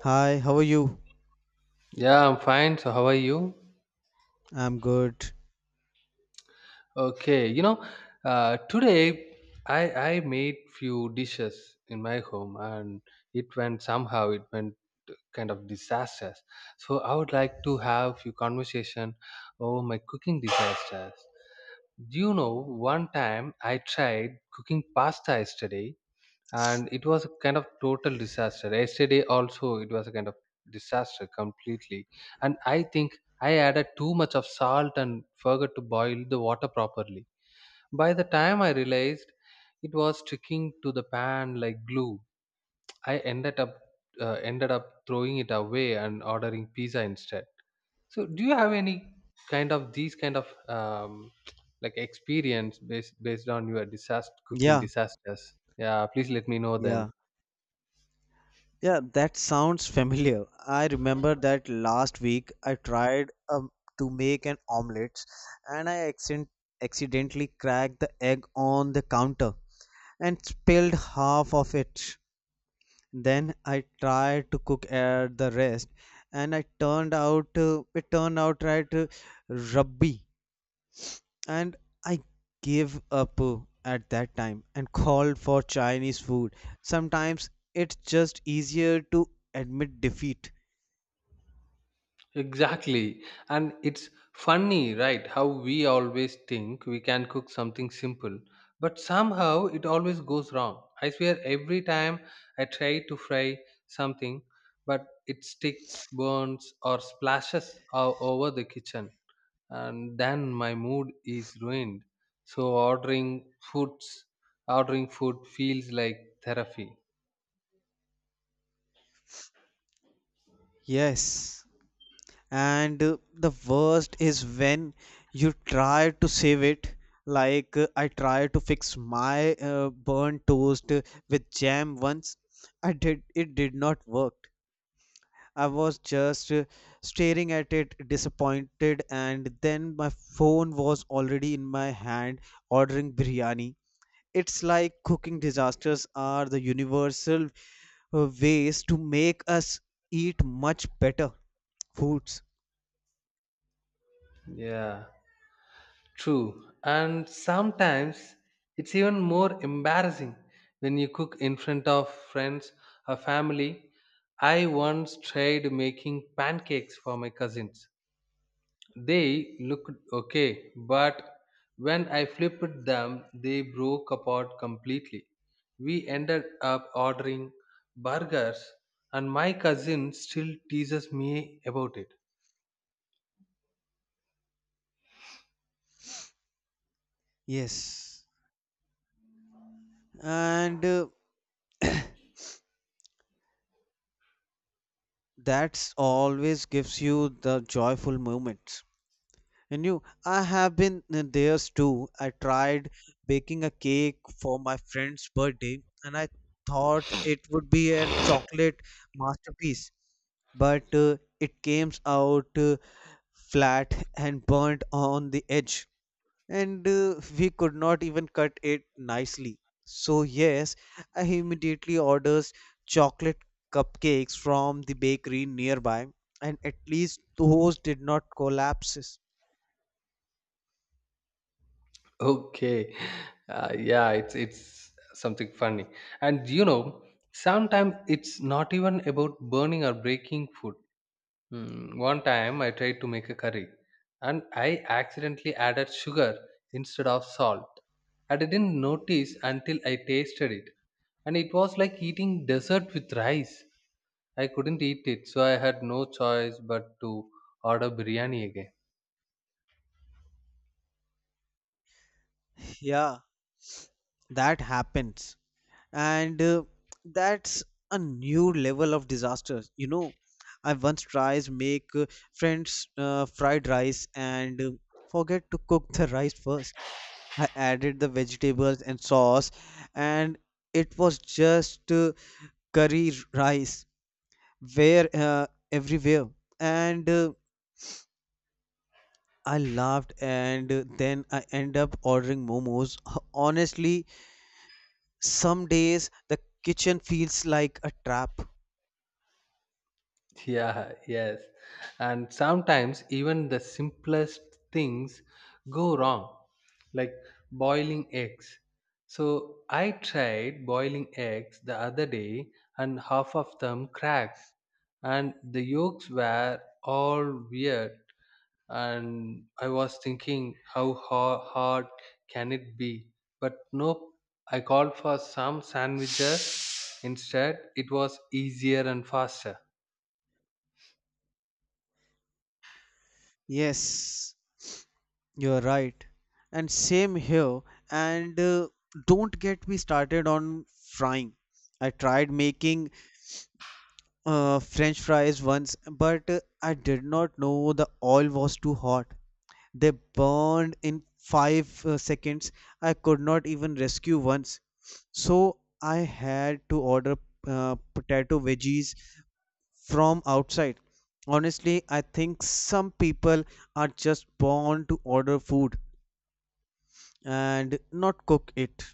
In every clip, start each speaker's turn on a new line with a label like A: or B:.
A: Hi, how are you?
B: Yeah, I'm fine. So how are you?
A: I'm good.
B: Okay, you know, today I made few dishes in my home, and it went kind of disastrous. So I would like to have few conversation over my cooking disasters. Do you know one time I tried cooking pasta yesterday and it was a kind of total disaster yesterday also it was a kind of disaster completely and I think I added too much of salt and forgot to boil the water properly. By the time I realized, it was sticking to the pan like glue. I ended up throwing it away and ordering pizza instead. So do you have any kind of these kind of like experience based on your disaster cooking
A: Yeah,
B: disasters? Yeah, please let me know then.
A: yeah. Yeah, that sounds familiar. I remember that last week I tried to make an omelette and I accidentally cracked the egg on the counter and spilled half of it. Then I tried to cook at the rest and I turned out it turned out right rubby and I gave up at that time and called for Chinese food. Sometimes it's just easier to admit defeat.
B: Exactly. And it's funny, right? How we always think we can cook something simple, but somehow it always goes wrong. I swear, every time I try to fry something, but it sticks, burns, or splashes all over the kitchen, and then my mood is ruined. So ordering food feels like therapy.
A: Yes. And the worst is when you try to save it. Like I tried to fix my burnt toast with jam once. I did it did not work. I was just staring at it disappointed and then my phone was already in my hand ordering biryani. It's like cooking disasters are the universal ways to make us eat much better foods.
B: Yeah. True. And sometimes it's even more embarrassing when you cook in front of friends or family. I once tried making pancakes for my cousins. They looked okay, but when I flipped them, they broke apart completely. We ended up ordering burgers, and my cousin still teases me about it.
A: Yes. And that's always gives you the joyful moment. And you, I have been there too. I tried baking a cake for my friend's birthday and I thought it would be a chocolate masterpiece, but it came out flat and burnt on the edge, and we could not even cut it nicely. So, yes, I immediately orders chocolate cupcakes from the bakery nearby, and at least those did not collapse.
B: Okay. Yeah, it's something funny. And you know, sometimes it's not even about burning or breaking food. Hmm, one time I tried to make a curry and I accidentally added sugar instead of salt. And I didn't notice until I tasted it. And it was like eating dessert with rice. I couldn't eat it, so I had no choice but to order biryani again.
A: Yeah, that happens and that's a new level of disaster. You know, I once tries make french fried rice and forget to cook the rice first. I added the vegetables and sauce and it was just curry rice where everywhere, and I laughed and then I end up ordering momos honestly. Some days the kitchen feels like a trap.
B: Yeah, yes. And sometimes even the simplest things go wrong, like boiling eggs. So I tried boiling eggs the other day and half of them cracked and the yolks were all weird and I was thinking how hard can it be? But nope, I called for some sandwiches instead. It was easier and faster.
A: Yes, you're right. And same here. And don't get me started on frying. I tried making French fries once, but I did not know the oil was too hot. They burned in five seconds. I could not even rescue once. So I had to order potato veggies from outside. Honestly, I think some people are just born to order food and not cook it.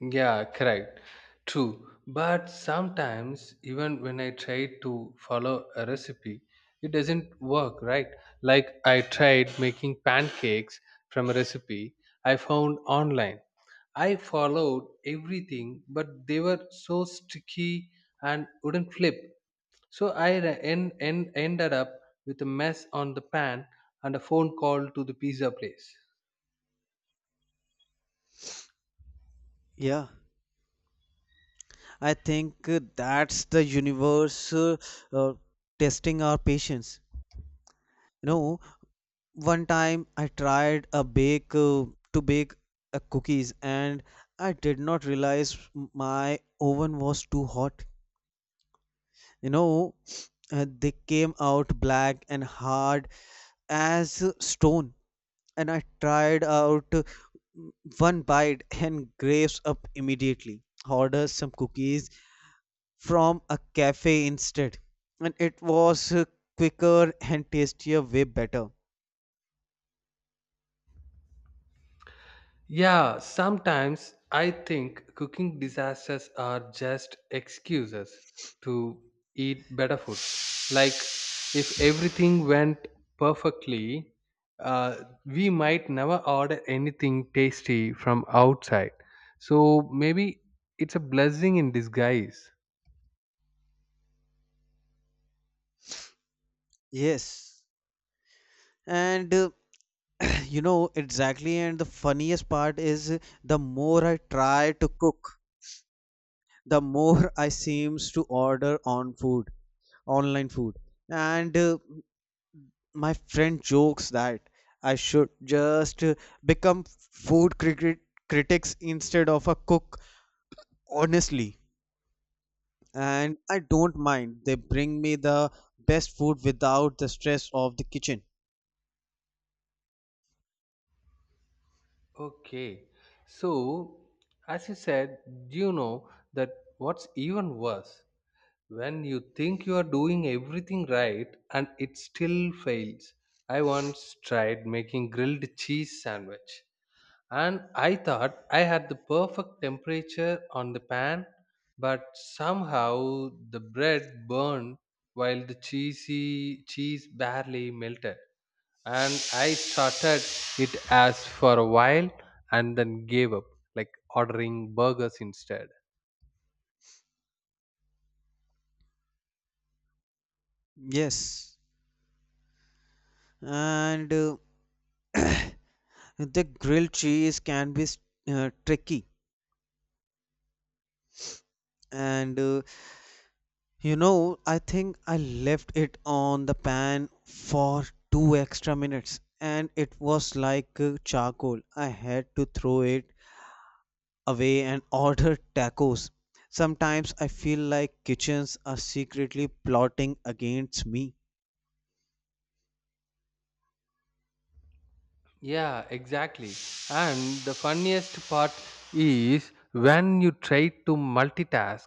B: Yeah, correct. True. But sometimes, even when I try to follow a recipe, it doesn't work, right? Like I tried making pancakes from a recipe I found online. I followed everything, but they were so sticky and wouldn't flip. So I ended up with a mess on the pan and a phone call to the pizza place.
A: Yeah, I think that's the universe uh, testing our patience. You know, one time I tried a bake to bake cookies and I did not realize my oven was too hot. You know, they came out black and hard as stone. And I tried out one bite and graves up immediately. Ordered some cookies from a cafe instead, and it was quicker and tastier, way better.
B: Yeah, sometimes I think cooking disasters are just excuses to eat better food. Like, if everything went perfectly, uh, we might never order anything tasty from outside. So, maybe it's a blessing in disguise.
A: Yes, and you know exactly. And the funniest part is the more I try to cook, the more I seems to order on food, online food, and my friend jokes that I should just become food cricket critics instead of a cook, honestly. And I don't mind. They bring me the best food without the stress of the kitchen.
B: Okay, so as you said, you know that what's even worse when you think you are doing everything right and it still fails? I once tried making grilled cheese sandwich and I thought I had the perfect temperature on the pan, but somehow the bread burned while the cheesy cheese barely melted. And I started it as for a while and then gave up, like ordering burgers instead.
A: Yes. And the grilled cheese can be tricky. And you know, I think I left it on the pan for two extra minutes and it was like charcoal. I had to throw it away and order tacos. Sometimes I feel like kitchens are secretly plotting against me.
B: Yeah, exactly. And the funniest part is when you try to multitask.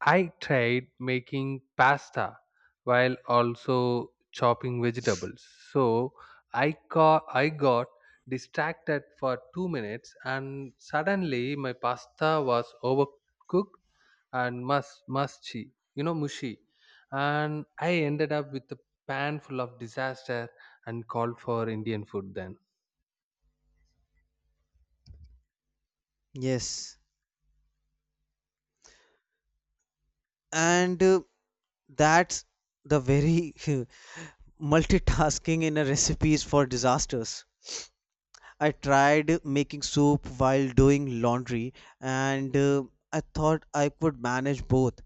B: I tried making pasta while also chopping vegetables. So I got distracted for 2 minutes and suddenly my pasta was overcooked and mushy, you know, mushy. And I ended up with a pan full of disaster and called for Indian food then.
A: Yes. And that's the very multitasking in a recipes for disasters. I tried making soup while doing laundry and I thought I could manage both.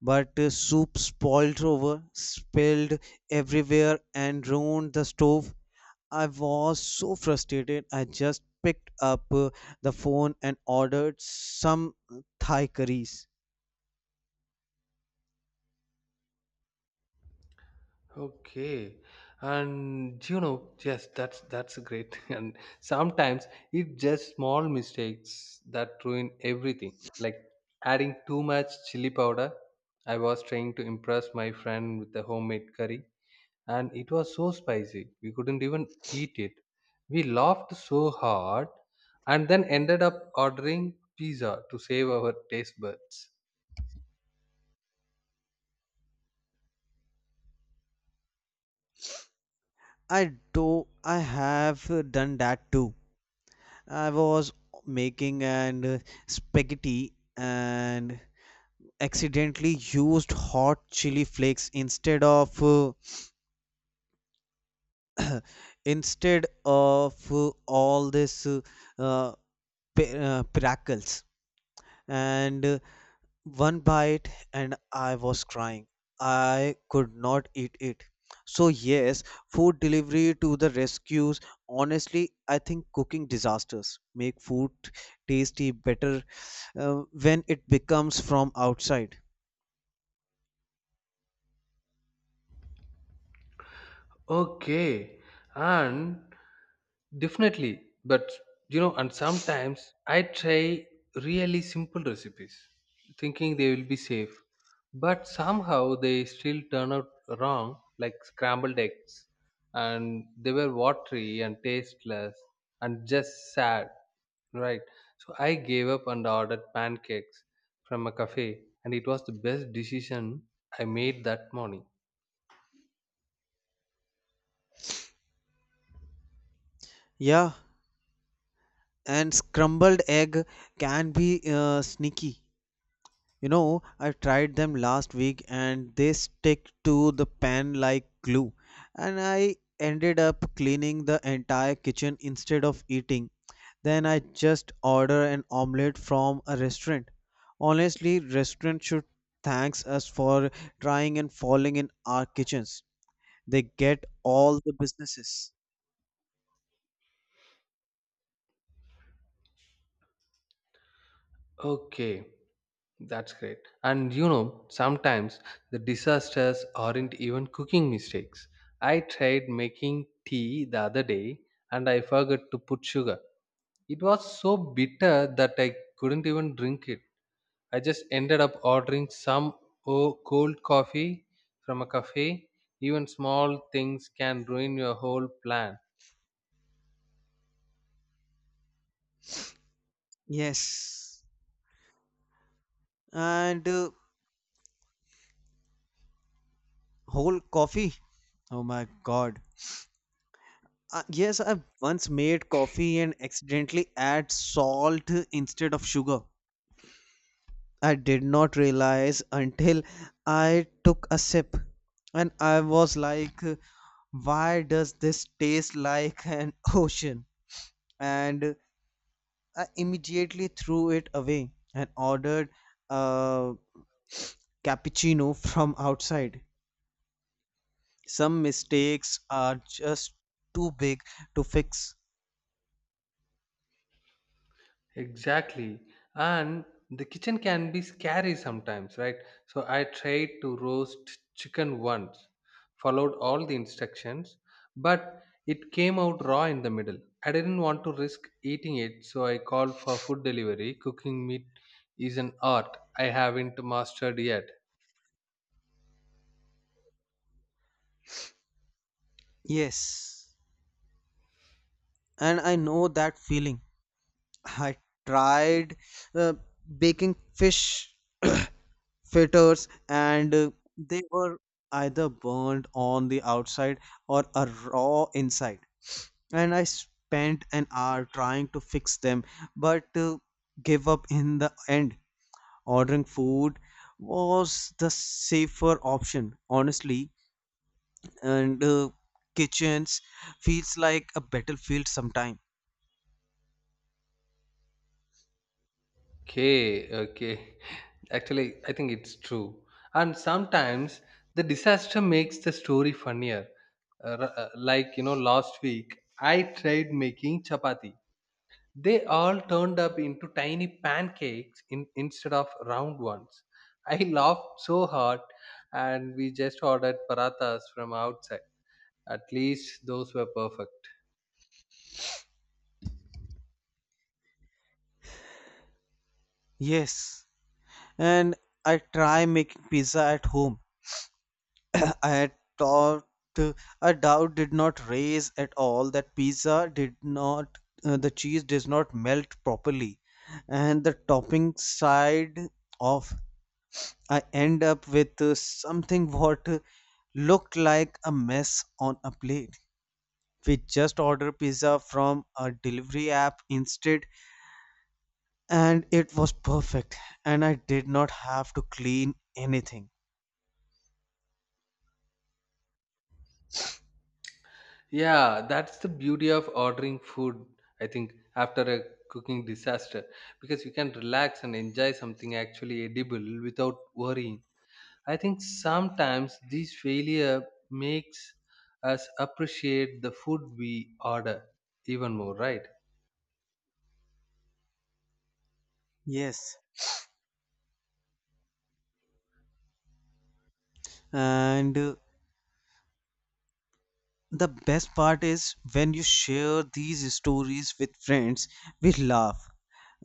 A: But soup spoiled over, spilled everywhere, and ruined the stove. I was so frustrated, I just picked up the phone and ordered some Thai curries.
B: Okay, and you know, yes, that's great. And sometimes it's just small mistakes that ruin everything. Like adding too much chili powder. I was trying to impress my friend with a homemade curry, and it was so spicy we couldn't even eat it. We laughed so hard, and then ended up ordering pizza to save our taste buds.
A: I do, I have done that too. I was making and spaghetti and accidentally used hot chili flakes instead of all this uh, pi- pickles and one bite and I was crying. I could not eat it. So, yes, food delivery to the rescues. Honestly, I think cooking disasters make food tasty better when it becomes from outside.
B: Okay, and definitely, but you know, and sometimes I try really simple recipes thinking they will be safe, but somehow they still turn out wrong, like scrambled eggs, and they were watery and tasteless and just sad, right? So I gave up and ordered pancakes from a cafe, and it was the best decision I made that morning.
A: Yeah, and scrambled egg can be sneaky. You know, I tried them last week and they stick to the pan like glue. And I ended up cleaning the entire kitchen instead of eating. Then I just order an omelette from a restaurant. Honestly, restaurant should thanks us for trying and falling in our kitchens. They get all the businesses.
B: Okay. That's great. And you know, sometimes the disasters aren't even cooking mistakes. I tried making tea the other day and I forgot to put sugar. It was so bitter that I couldn't even drink it. I just ended up ordering some cold coffee from a cafe. Even small things can ruin your whole plan.
A: Yes. And whole coffee. Oh my god. Yes, I once made coffee and accidentally add salt instead of sugar. I did not realize until I took a sip, and I was like, "Why does this taste like an ocean?" And I immediately threw it away and ordered a cappuccino from outside. Some mistakes are just too big to fix.
B: Exactly. And the kitchen can be scary sometimes, right? So I tried to roast chicken once, followed all the instructions, but it came out raw in the middle. I didn't want to risk eating it, so I called for food delivery. Cooking meat is an art I haven't mastered yet.
A: Yes, and I know that feeling. I tried uh, baking fish fritters and they were either burned on the outside or a raw inside. And I spent an hour trying to fix them, but gave up in the end. Ordering food was the safer option, honestly, and kitchens feels like a battlefield sometime.
B: Okay, okay. Actually, I think it's true. And sometimes the disaster makes the story funnier. Like you know last week I tried making chapati. They all turned up into tiny pancakes instead of round ones. I laughed so hard and we just ordered parathas from outside. At least those were perfect.
A: Yes, and I try making pizza at home. I had thought uh, a doubt did not raise at all that pizza did not the cheese does not melt properly, and the topping side off. I end up with something what looked like a mess on a plate. We just ordered pizza from a delivery app instead, and it was perfect, and I did not have to clean anything.
B: Yeah, that's the beauty of ordering food, I think, after a cooking disaster, because you can relax and enjoy something actually edible without worrying. I think sometimes this failure makes us appreciate the food we order even more, right?
A: Yes, and the best part is when you share these stories with friends. We laugh,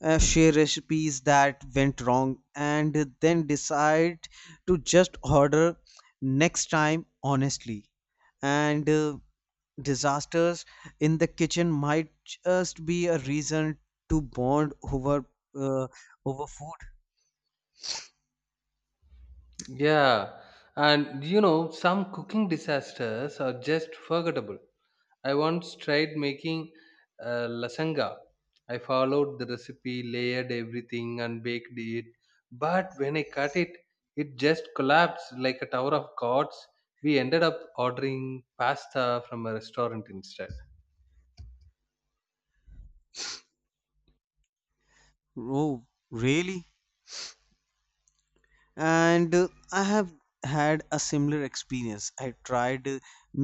A: share recipes that went wrong and then decide to just order next time honestly, and disasters in the kitchen might just be a reason to bond over uh, over food.
B: Yeah, and you know, some cooking disasters are just forgettable. I once tried making lasanga. I followed the recipe, layered everything, and baked it. But when I cut it, it just collapsed like a tower of cards. We ended up ordering pasta from a restaurant instead.
A: Oh really, and I have had a similar experience. I tried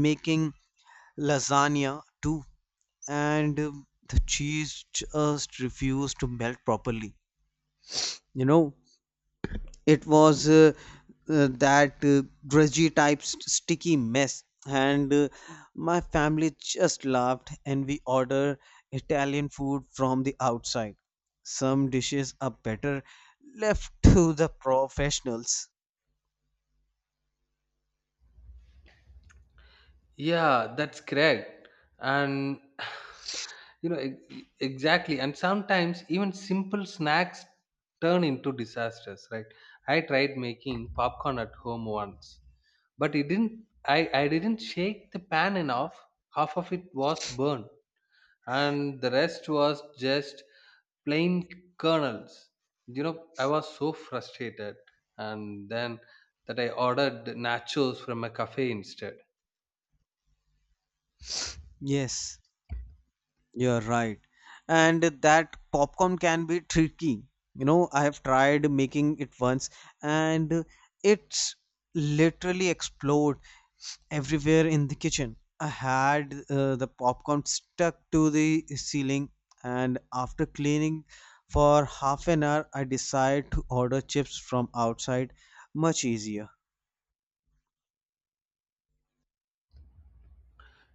A: making lasagna too, and the cheese just refused to melt properly, you know. It was that drudgy type sticky mess, and my family just laughed and we order italian food from the outside. Some dishes are better left to the professionals.
B: Yeah, that's correct. And you know exactly. And sometimes even simple snacks turn into disasters, right? I tried making popcorn at home once, but it didn't. I didn't shake the pan enough. Half of it was burned, and the rest was just plain kernels. You know, I was so frustrated, and then that I ordered nachos from a cafe instead.
A: Yes, you're right. And that popcorn can be tricky. You know, I have tried making it once and it's literally explode everywhere in the kitchen. I had the popcorn stuck to the ceiling, and after cleaning for half an hour I decided to order chips from outside. Much easier.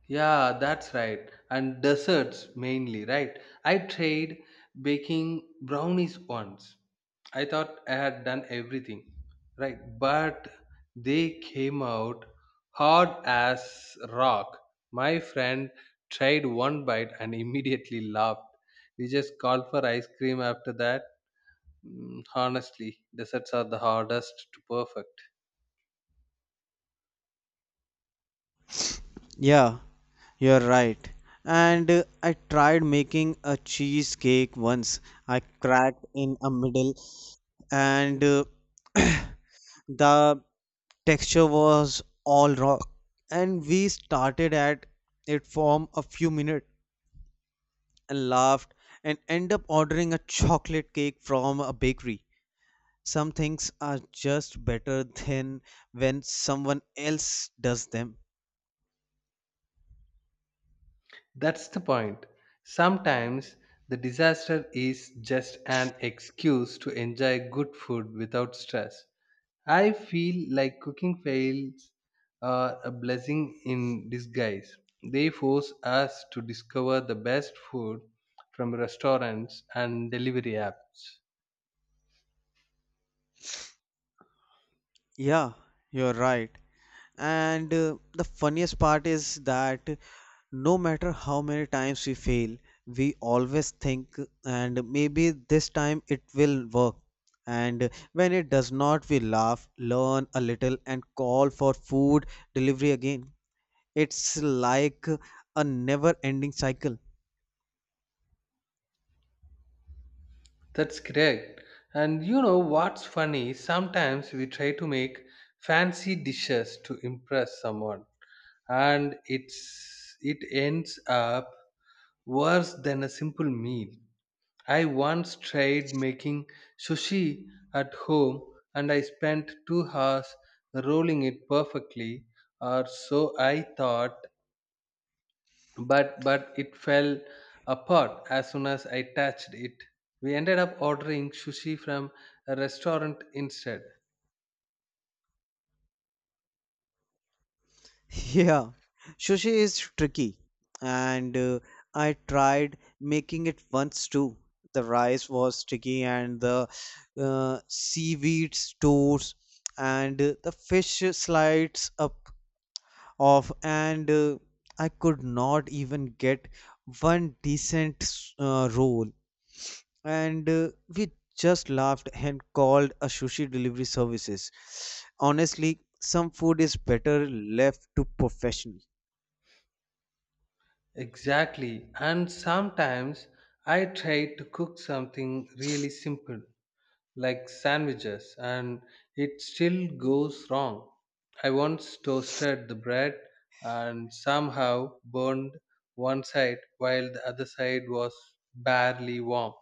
B: Yeah, that's right. And desserts mainly, right? I tried baking brownies once. I thought I had done everything right, but they came out hard as rock. My friend tried one bite and immediately laughed. We just called for ice cream after that. Mm, honestly, desserts are the hardest to perfect.
A: Yeah, you're right. And I tried making a cheesecake once. I cracked in a middle, and the texture was all raw. And we started at it for a few minutes and laughed, and end up ordering a chocolate cake from a bakery. Some things are just better than when someone else does them.
B: That's the point. Sometimes the disaster is just an excuse to enjoy good food without stress. I feel like cooking fails are a blessing in disguise. They force us to discover the best food from restaurants and delivery apps.
A: Yeah, you're right. And the funniest part is that no matter how many times we fail, we always think, and maybe this time it will work. And when it does not, we laugh, learn a little, and call for food delivery again. It's like a never ending cycle.
B: That's correct. And you know what's funny? Sometimes we try to make fancy dishes to impress someone and it ends up worse than a simple meal. I once tried making sushi at home and I spent 2 hours rolling it perfectly, or so I thought, but it fell apart as soon as I touched it. We ended up ordering sushi from a restaurant instead.
A: Yeah, sushi is tricky, and I tried making it once too. The rice was sticky, and the seaweed stores, and the fish slides up off, and I could not even get one decent roll. And we just laughed and called a sushi delivery services. Honestly, some food is better left to professionals.
B: Exactly. And sometimes I try to cook something really simple like sandwiches and it still goes wrong. I once toasted the bread and somehow burned one side while the other side was barely warm.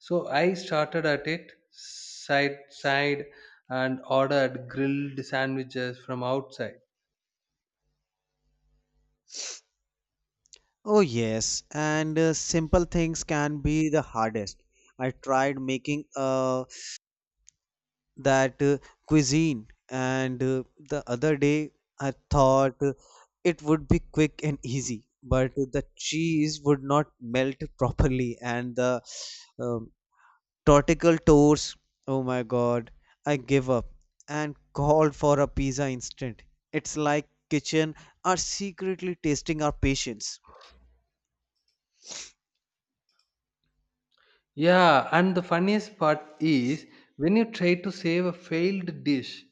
B: So I started at it side and ordered grilled sandwiches from outside.
A: Oh, yes, and simple things can be the hardest. I tried making that cuisine, and the other day I thought it would be quick and easy, but the cheese would not melt properly, and the um, tortical toast, oh my God, I give up and called for a pizza instant. It's like kitchen are secretly testing our patience.
B: Yeah, and the funniest part is when you try to save a failed dish,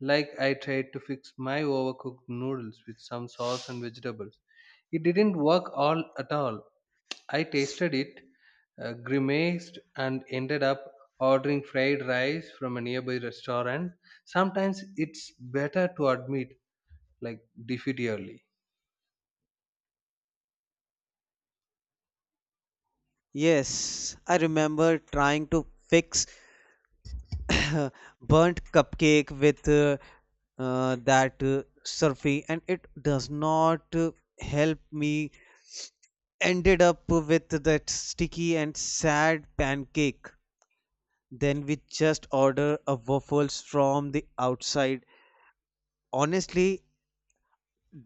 B: like I tried to fix my overcooked noodles with some sauce and vegetables. It didn't work all at all. I tasted it, grimaced, and ended up ordering fried rice from a nearby restaurant. Sometimes it's better to admit, like, defeat early.
A: Yes, I remember trying to fix burnt cupcake with that surfy, and it does not help me. Ended up with that sticky and sad pancake. Then we just order a waffles from the outside. Honestly,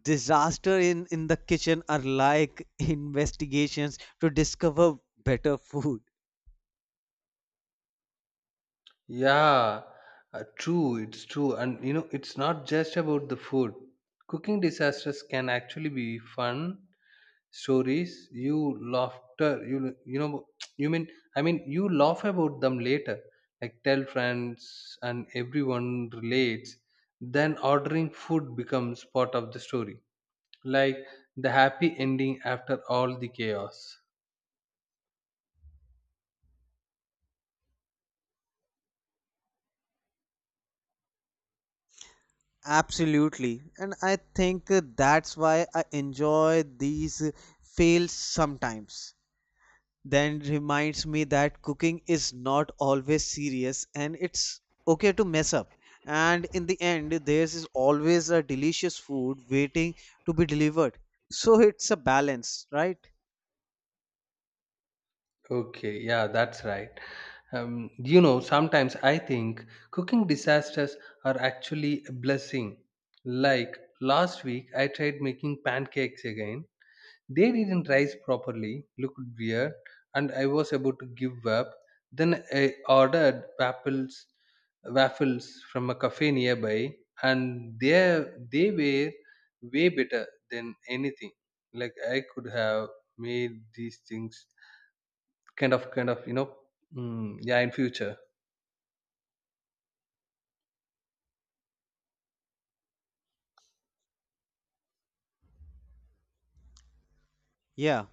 A: disaster in the kitchen are like investigations to discover better food.
B: Yeah, true, it's true. And you know, it's not just about the food. Cooking disasters can actually be fun stories. You laughter, you know, you mean I mean you laugh about them later. Like tell friends and everyone relates. Then ordering food becomes part of the story. Like the happy ending after all the chaos.
A: Absolutely. And I think that's why I enjoy these fails sometimes. Then reminds me that cooking is not always serious and it's okay to mess up. And in the end, there's always a delicious food waiting to be delivered. So it's a balance, right?
B: Okay, yeah, that's right. You know, sometimes I think cooking disasters are actually a blessing. Like last week, I tried making pancakes again. They didn't rise properly, looked weird, and I was about to give up. Then I ordered waffles, from a cafe nearby, and they were way better than anything. Like I could have made these things. Kind of, you know, mm, yeah, in future.
A: Yeah.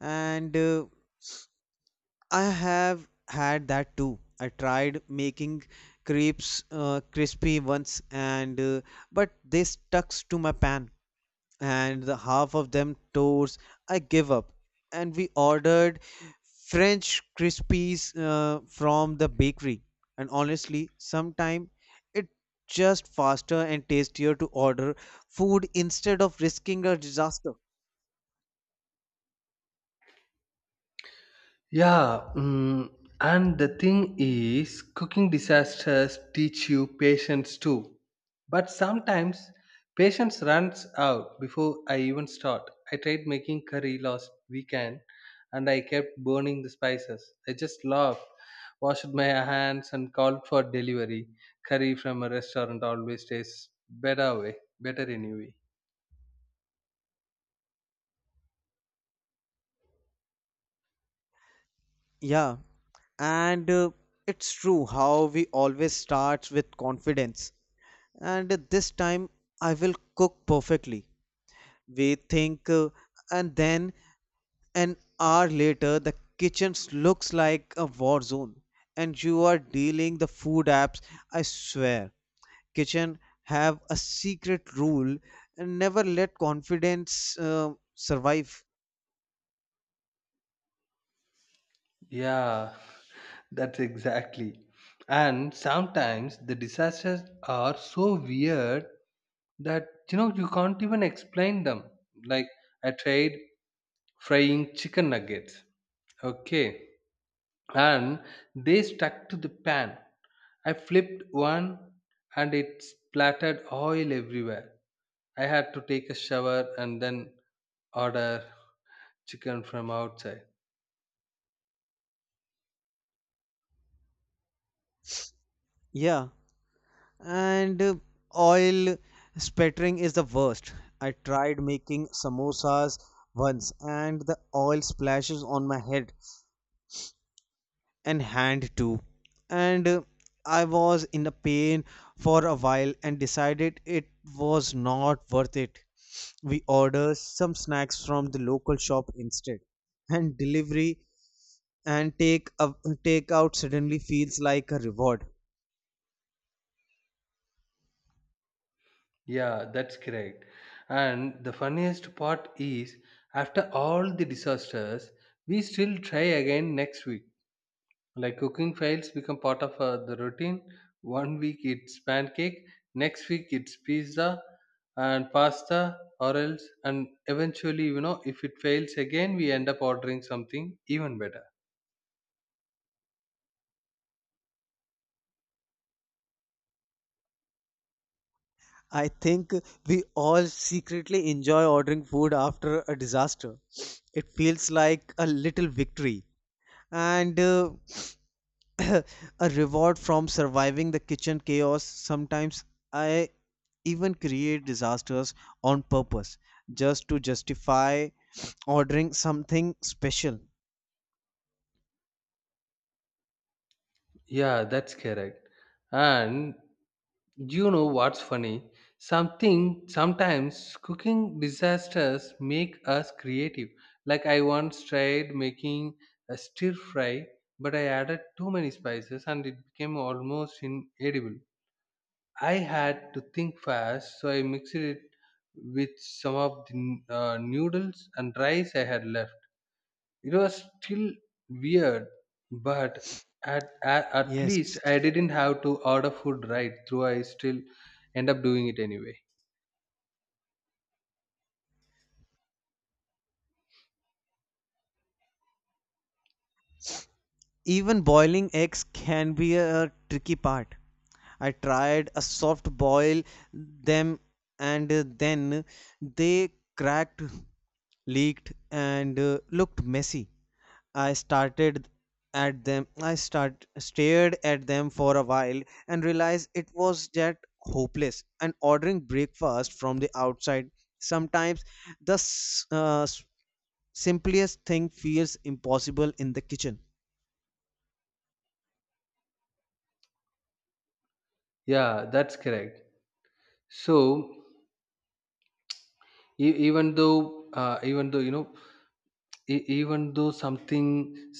A: And I have had that too. I tried making crepes crispy once, and but they stuck to my pan, and the half of them tore. I gave up, and we ordered French crispies from the bakery. And honestly, sometimes it just faster and tastier to order food instead of risking a disaster.
B: Yeah, mm, and the thing is, cooking disasters teach you patience too. But sometimes patience runs out before I even start. I tried making curry last weekend and I kept burning the spices. I just laughed, washed my hands, and called for delivery. Curry from a restaurant always tastes better, way better anyway.
A: Yeah, and it's true how we always start with confidence and this time I will cook perfectly, we think, and then an hour later the kitchen looks like a war zone and you are dealing the food apps. I swear, kitchen have a secret rule and never let confidence survive.
B: Yeah, that's exactly. And sometimes the disasters are so weird that you know you can't even explain them. Like I tried frying chicken nuggets, okay, and they stuck to the pan. I flipped one and it splattered oil everywhere. I had to take a shower and then order chicken from outside.
A: Yeah, and oil spattering is the worst. I tried making samosas once and the oil splashes on my head and hand too. And I was in a pain for a while and decided it was not worth it. We ordered some snacks from the local shop instead. And delivery and take out suddenly feels like a reward.
B: Yeah, that's correct. And the funniest part is, after all the disasters, we still try again next week. Like cooking fails become part of the routine. One week it's pancake, next week it's pizza and pasta, or else, and eventually, you know, if it fails again, we end up ordering something even better.
A: I think we all secretly enjoy ordering food after a disaster. It feels like a little victory and a reward from surviving the kitchen chaos. Sometimes I even create disasters on purpose just to justify ordering something special.
B: Yeah, that's correct. And you know what's funny? Something Sometimes cooking disasters make us creative. Like I once tried making a stir fry, but I added too many spices and it became almost inedible. I had to think fast, so I mixed it with some of the noodles and rice I had left. It was still weird, but at
A: Yes.
B: least I didn't have to order food right through. I still end up doing it anyway.
A: Even boiling eggs can be a tricky part. I tried a soft boil them and then they cracked, leaked, and looked messy. I started at them. I start stared at them for a while and realized it was that hopeless. And ordering breakfast from the outside, sometimes the simplest thing feels impossible in the kitchen.
B: Yeah, that's correct. So e- even though you know e- even though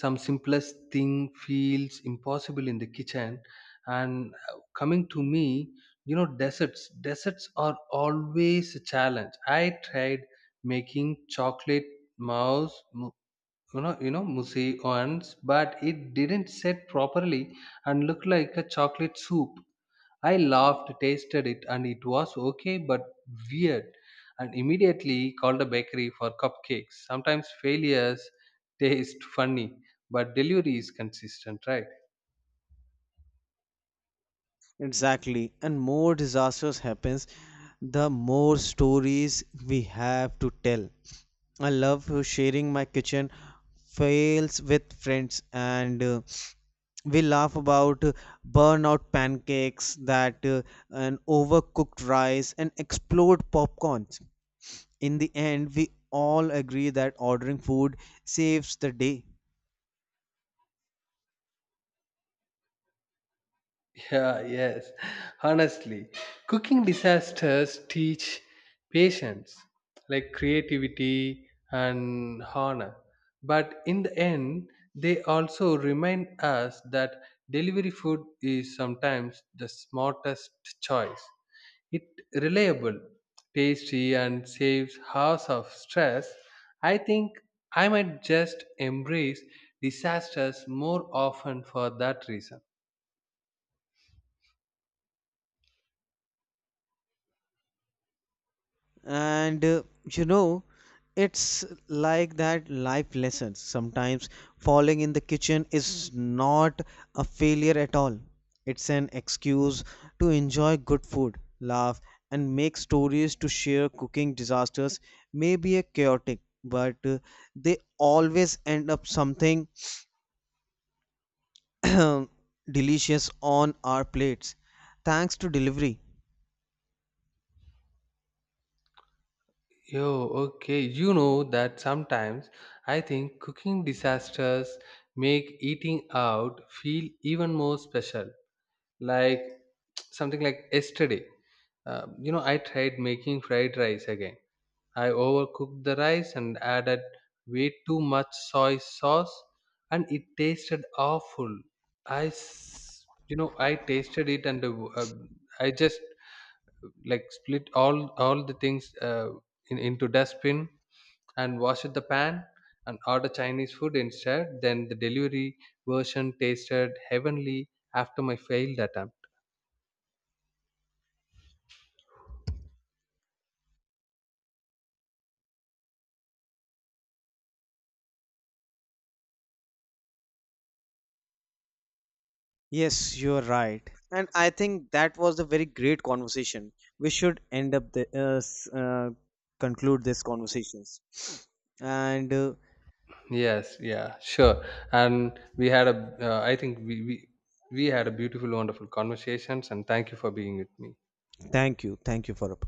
B: some simplest thing feels impossible in the kitchen, and coming to me, you know, desserts are always a challenge. I tried making chocolate mouse, you know, mousse, once, but it didn't set properly and looked like a chocolate soup. I laughed, tasted it, and it was okay but weird, and immediately called a bakery for cupcakes. Sometimes failures taste funny, but delivery is consistent, right?
A: Exactly. And more disasters happens, the more stories we have to tell. I love sharing my kitchen fails with friends, and we laugh about burnout pancakes that an overcooked rice and explode popcorns. In the end, we all agree that ordering food saves the day.
B: Yeah, yes. Honestly, cooking disasters teach patience, like creativity and honor. But in the end, they also remind us that delivery food is sometimes the smartest choice. It reliable, tasty and saves hours of stress. I think I might just embrace disasters more often for that reason.
A: And you know, it's like that life lessons. Sometimes falling in the kitchen is not a failure at all, it's an excuse to enjoy good food, laugh, and make stories to share. Cooking disasters may be a chaotic, but they always end up something delicious on our plates, thanks to delivery.
B: Yo, okay. You know that sometimes I think cooking disasters make eating out feel even more special. Like something like yesterday, you know, I tried making fried rice again. I overcooked the rice and added way too much soy sauce, and it tasted awful. You know, I tasted it and I just like split all the things into dustbin and washed the pan and ordered Chinese food instead. Then the delivery version tasted heavenly after my failed attempt.
A: Yes, you're right. And I think that was a very great conversation. We should end up the conclude this conversations. And uh,
B: Yes, yeah, sure. And we had a, I think we had a beautiful, wonderful conversations, and thank you for being with me.
A: thank you, thank you for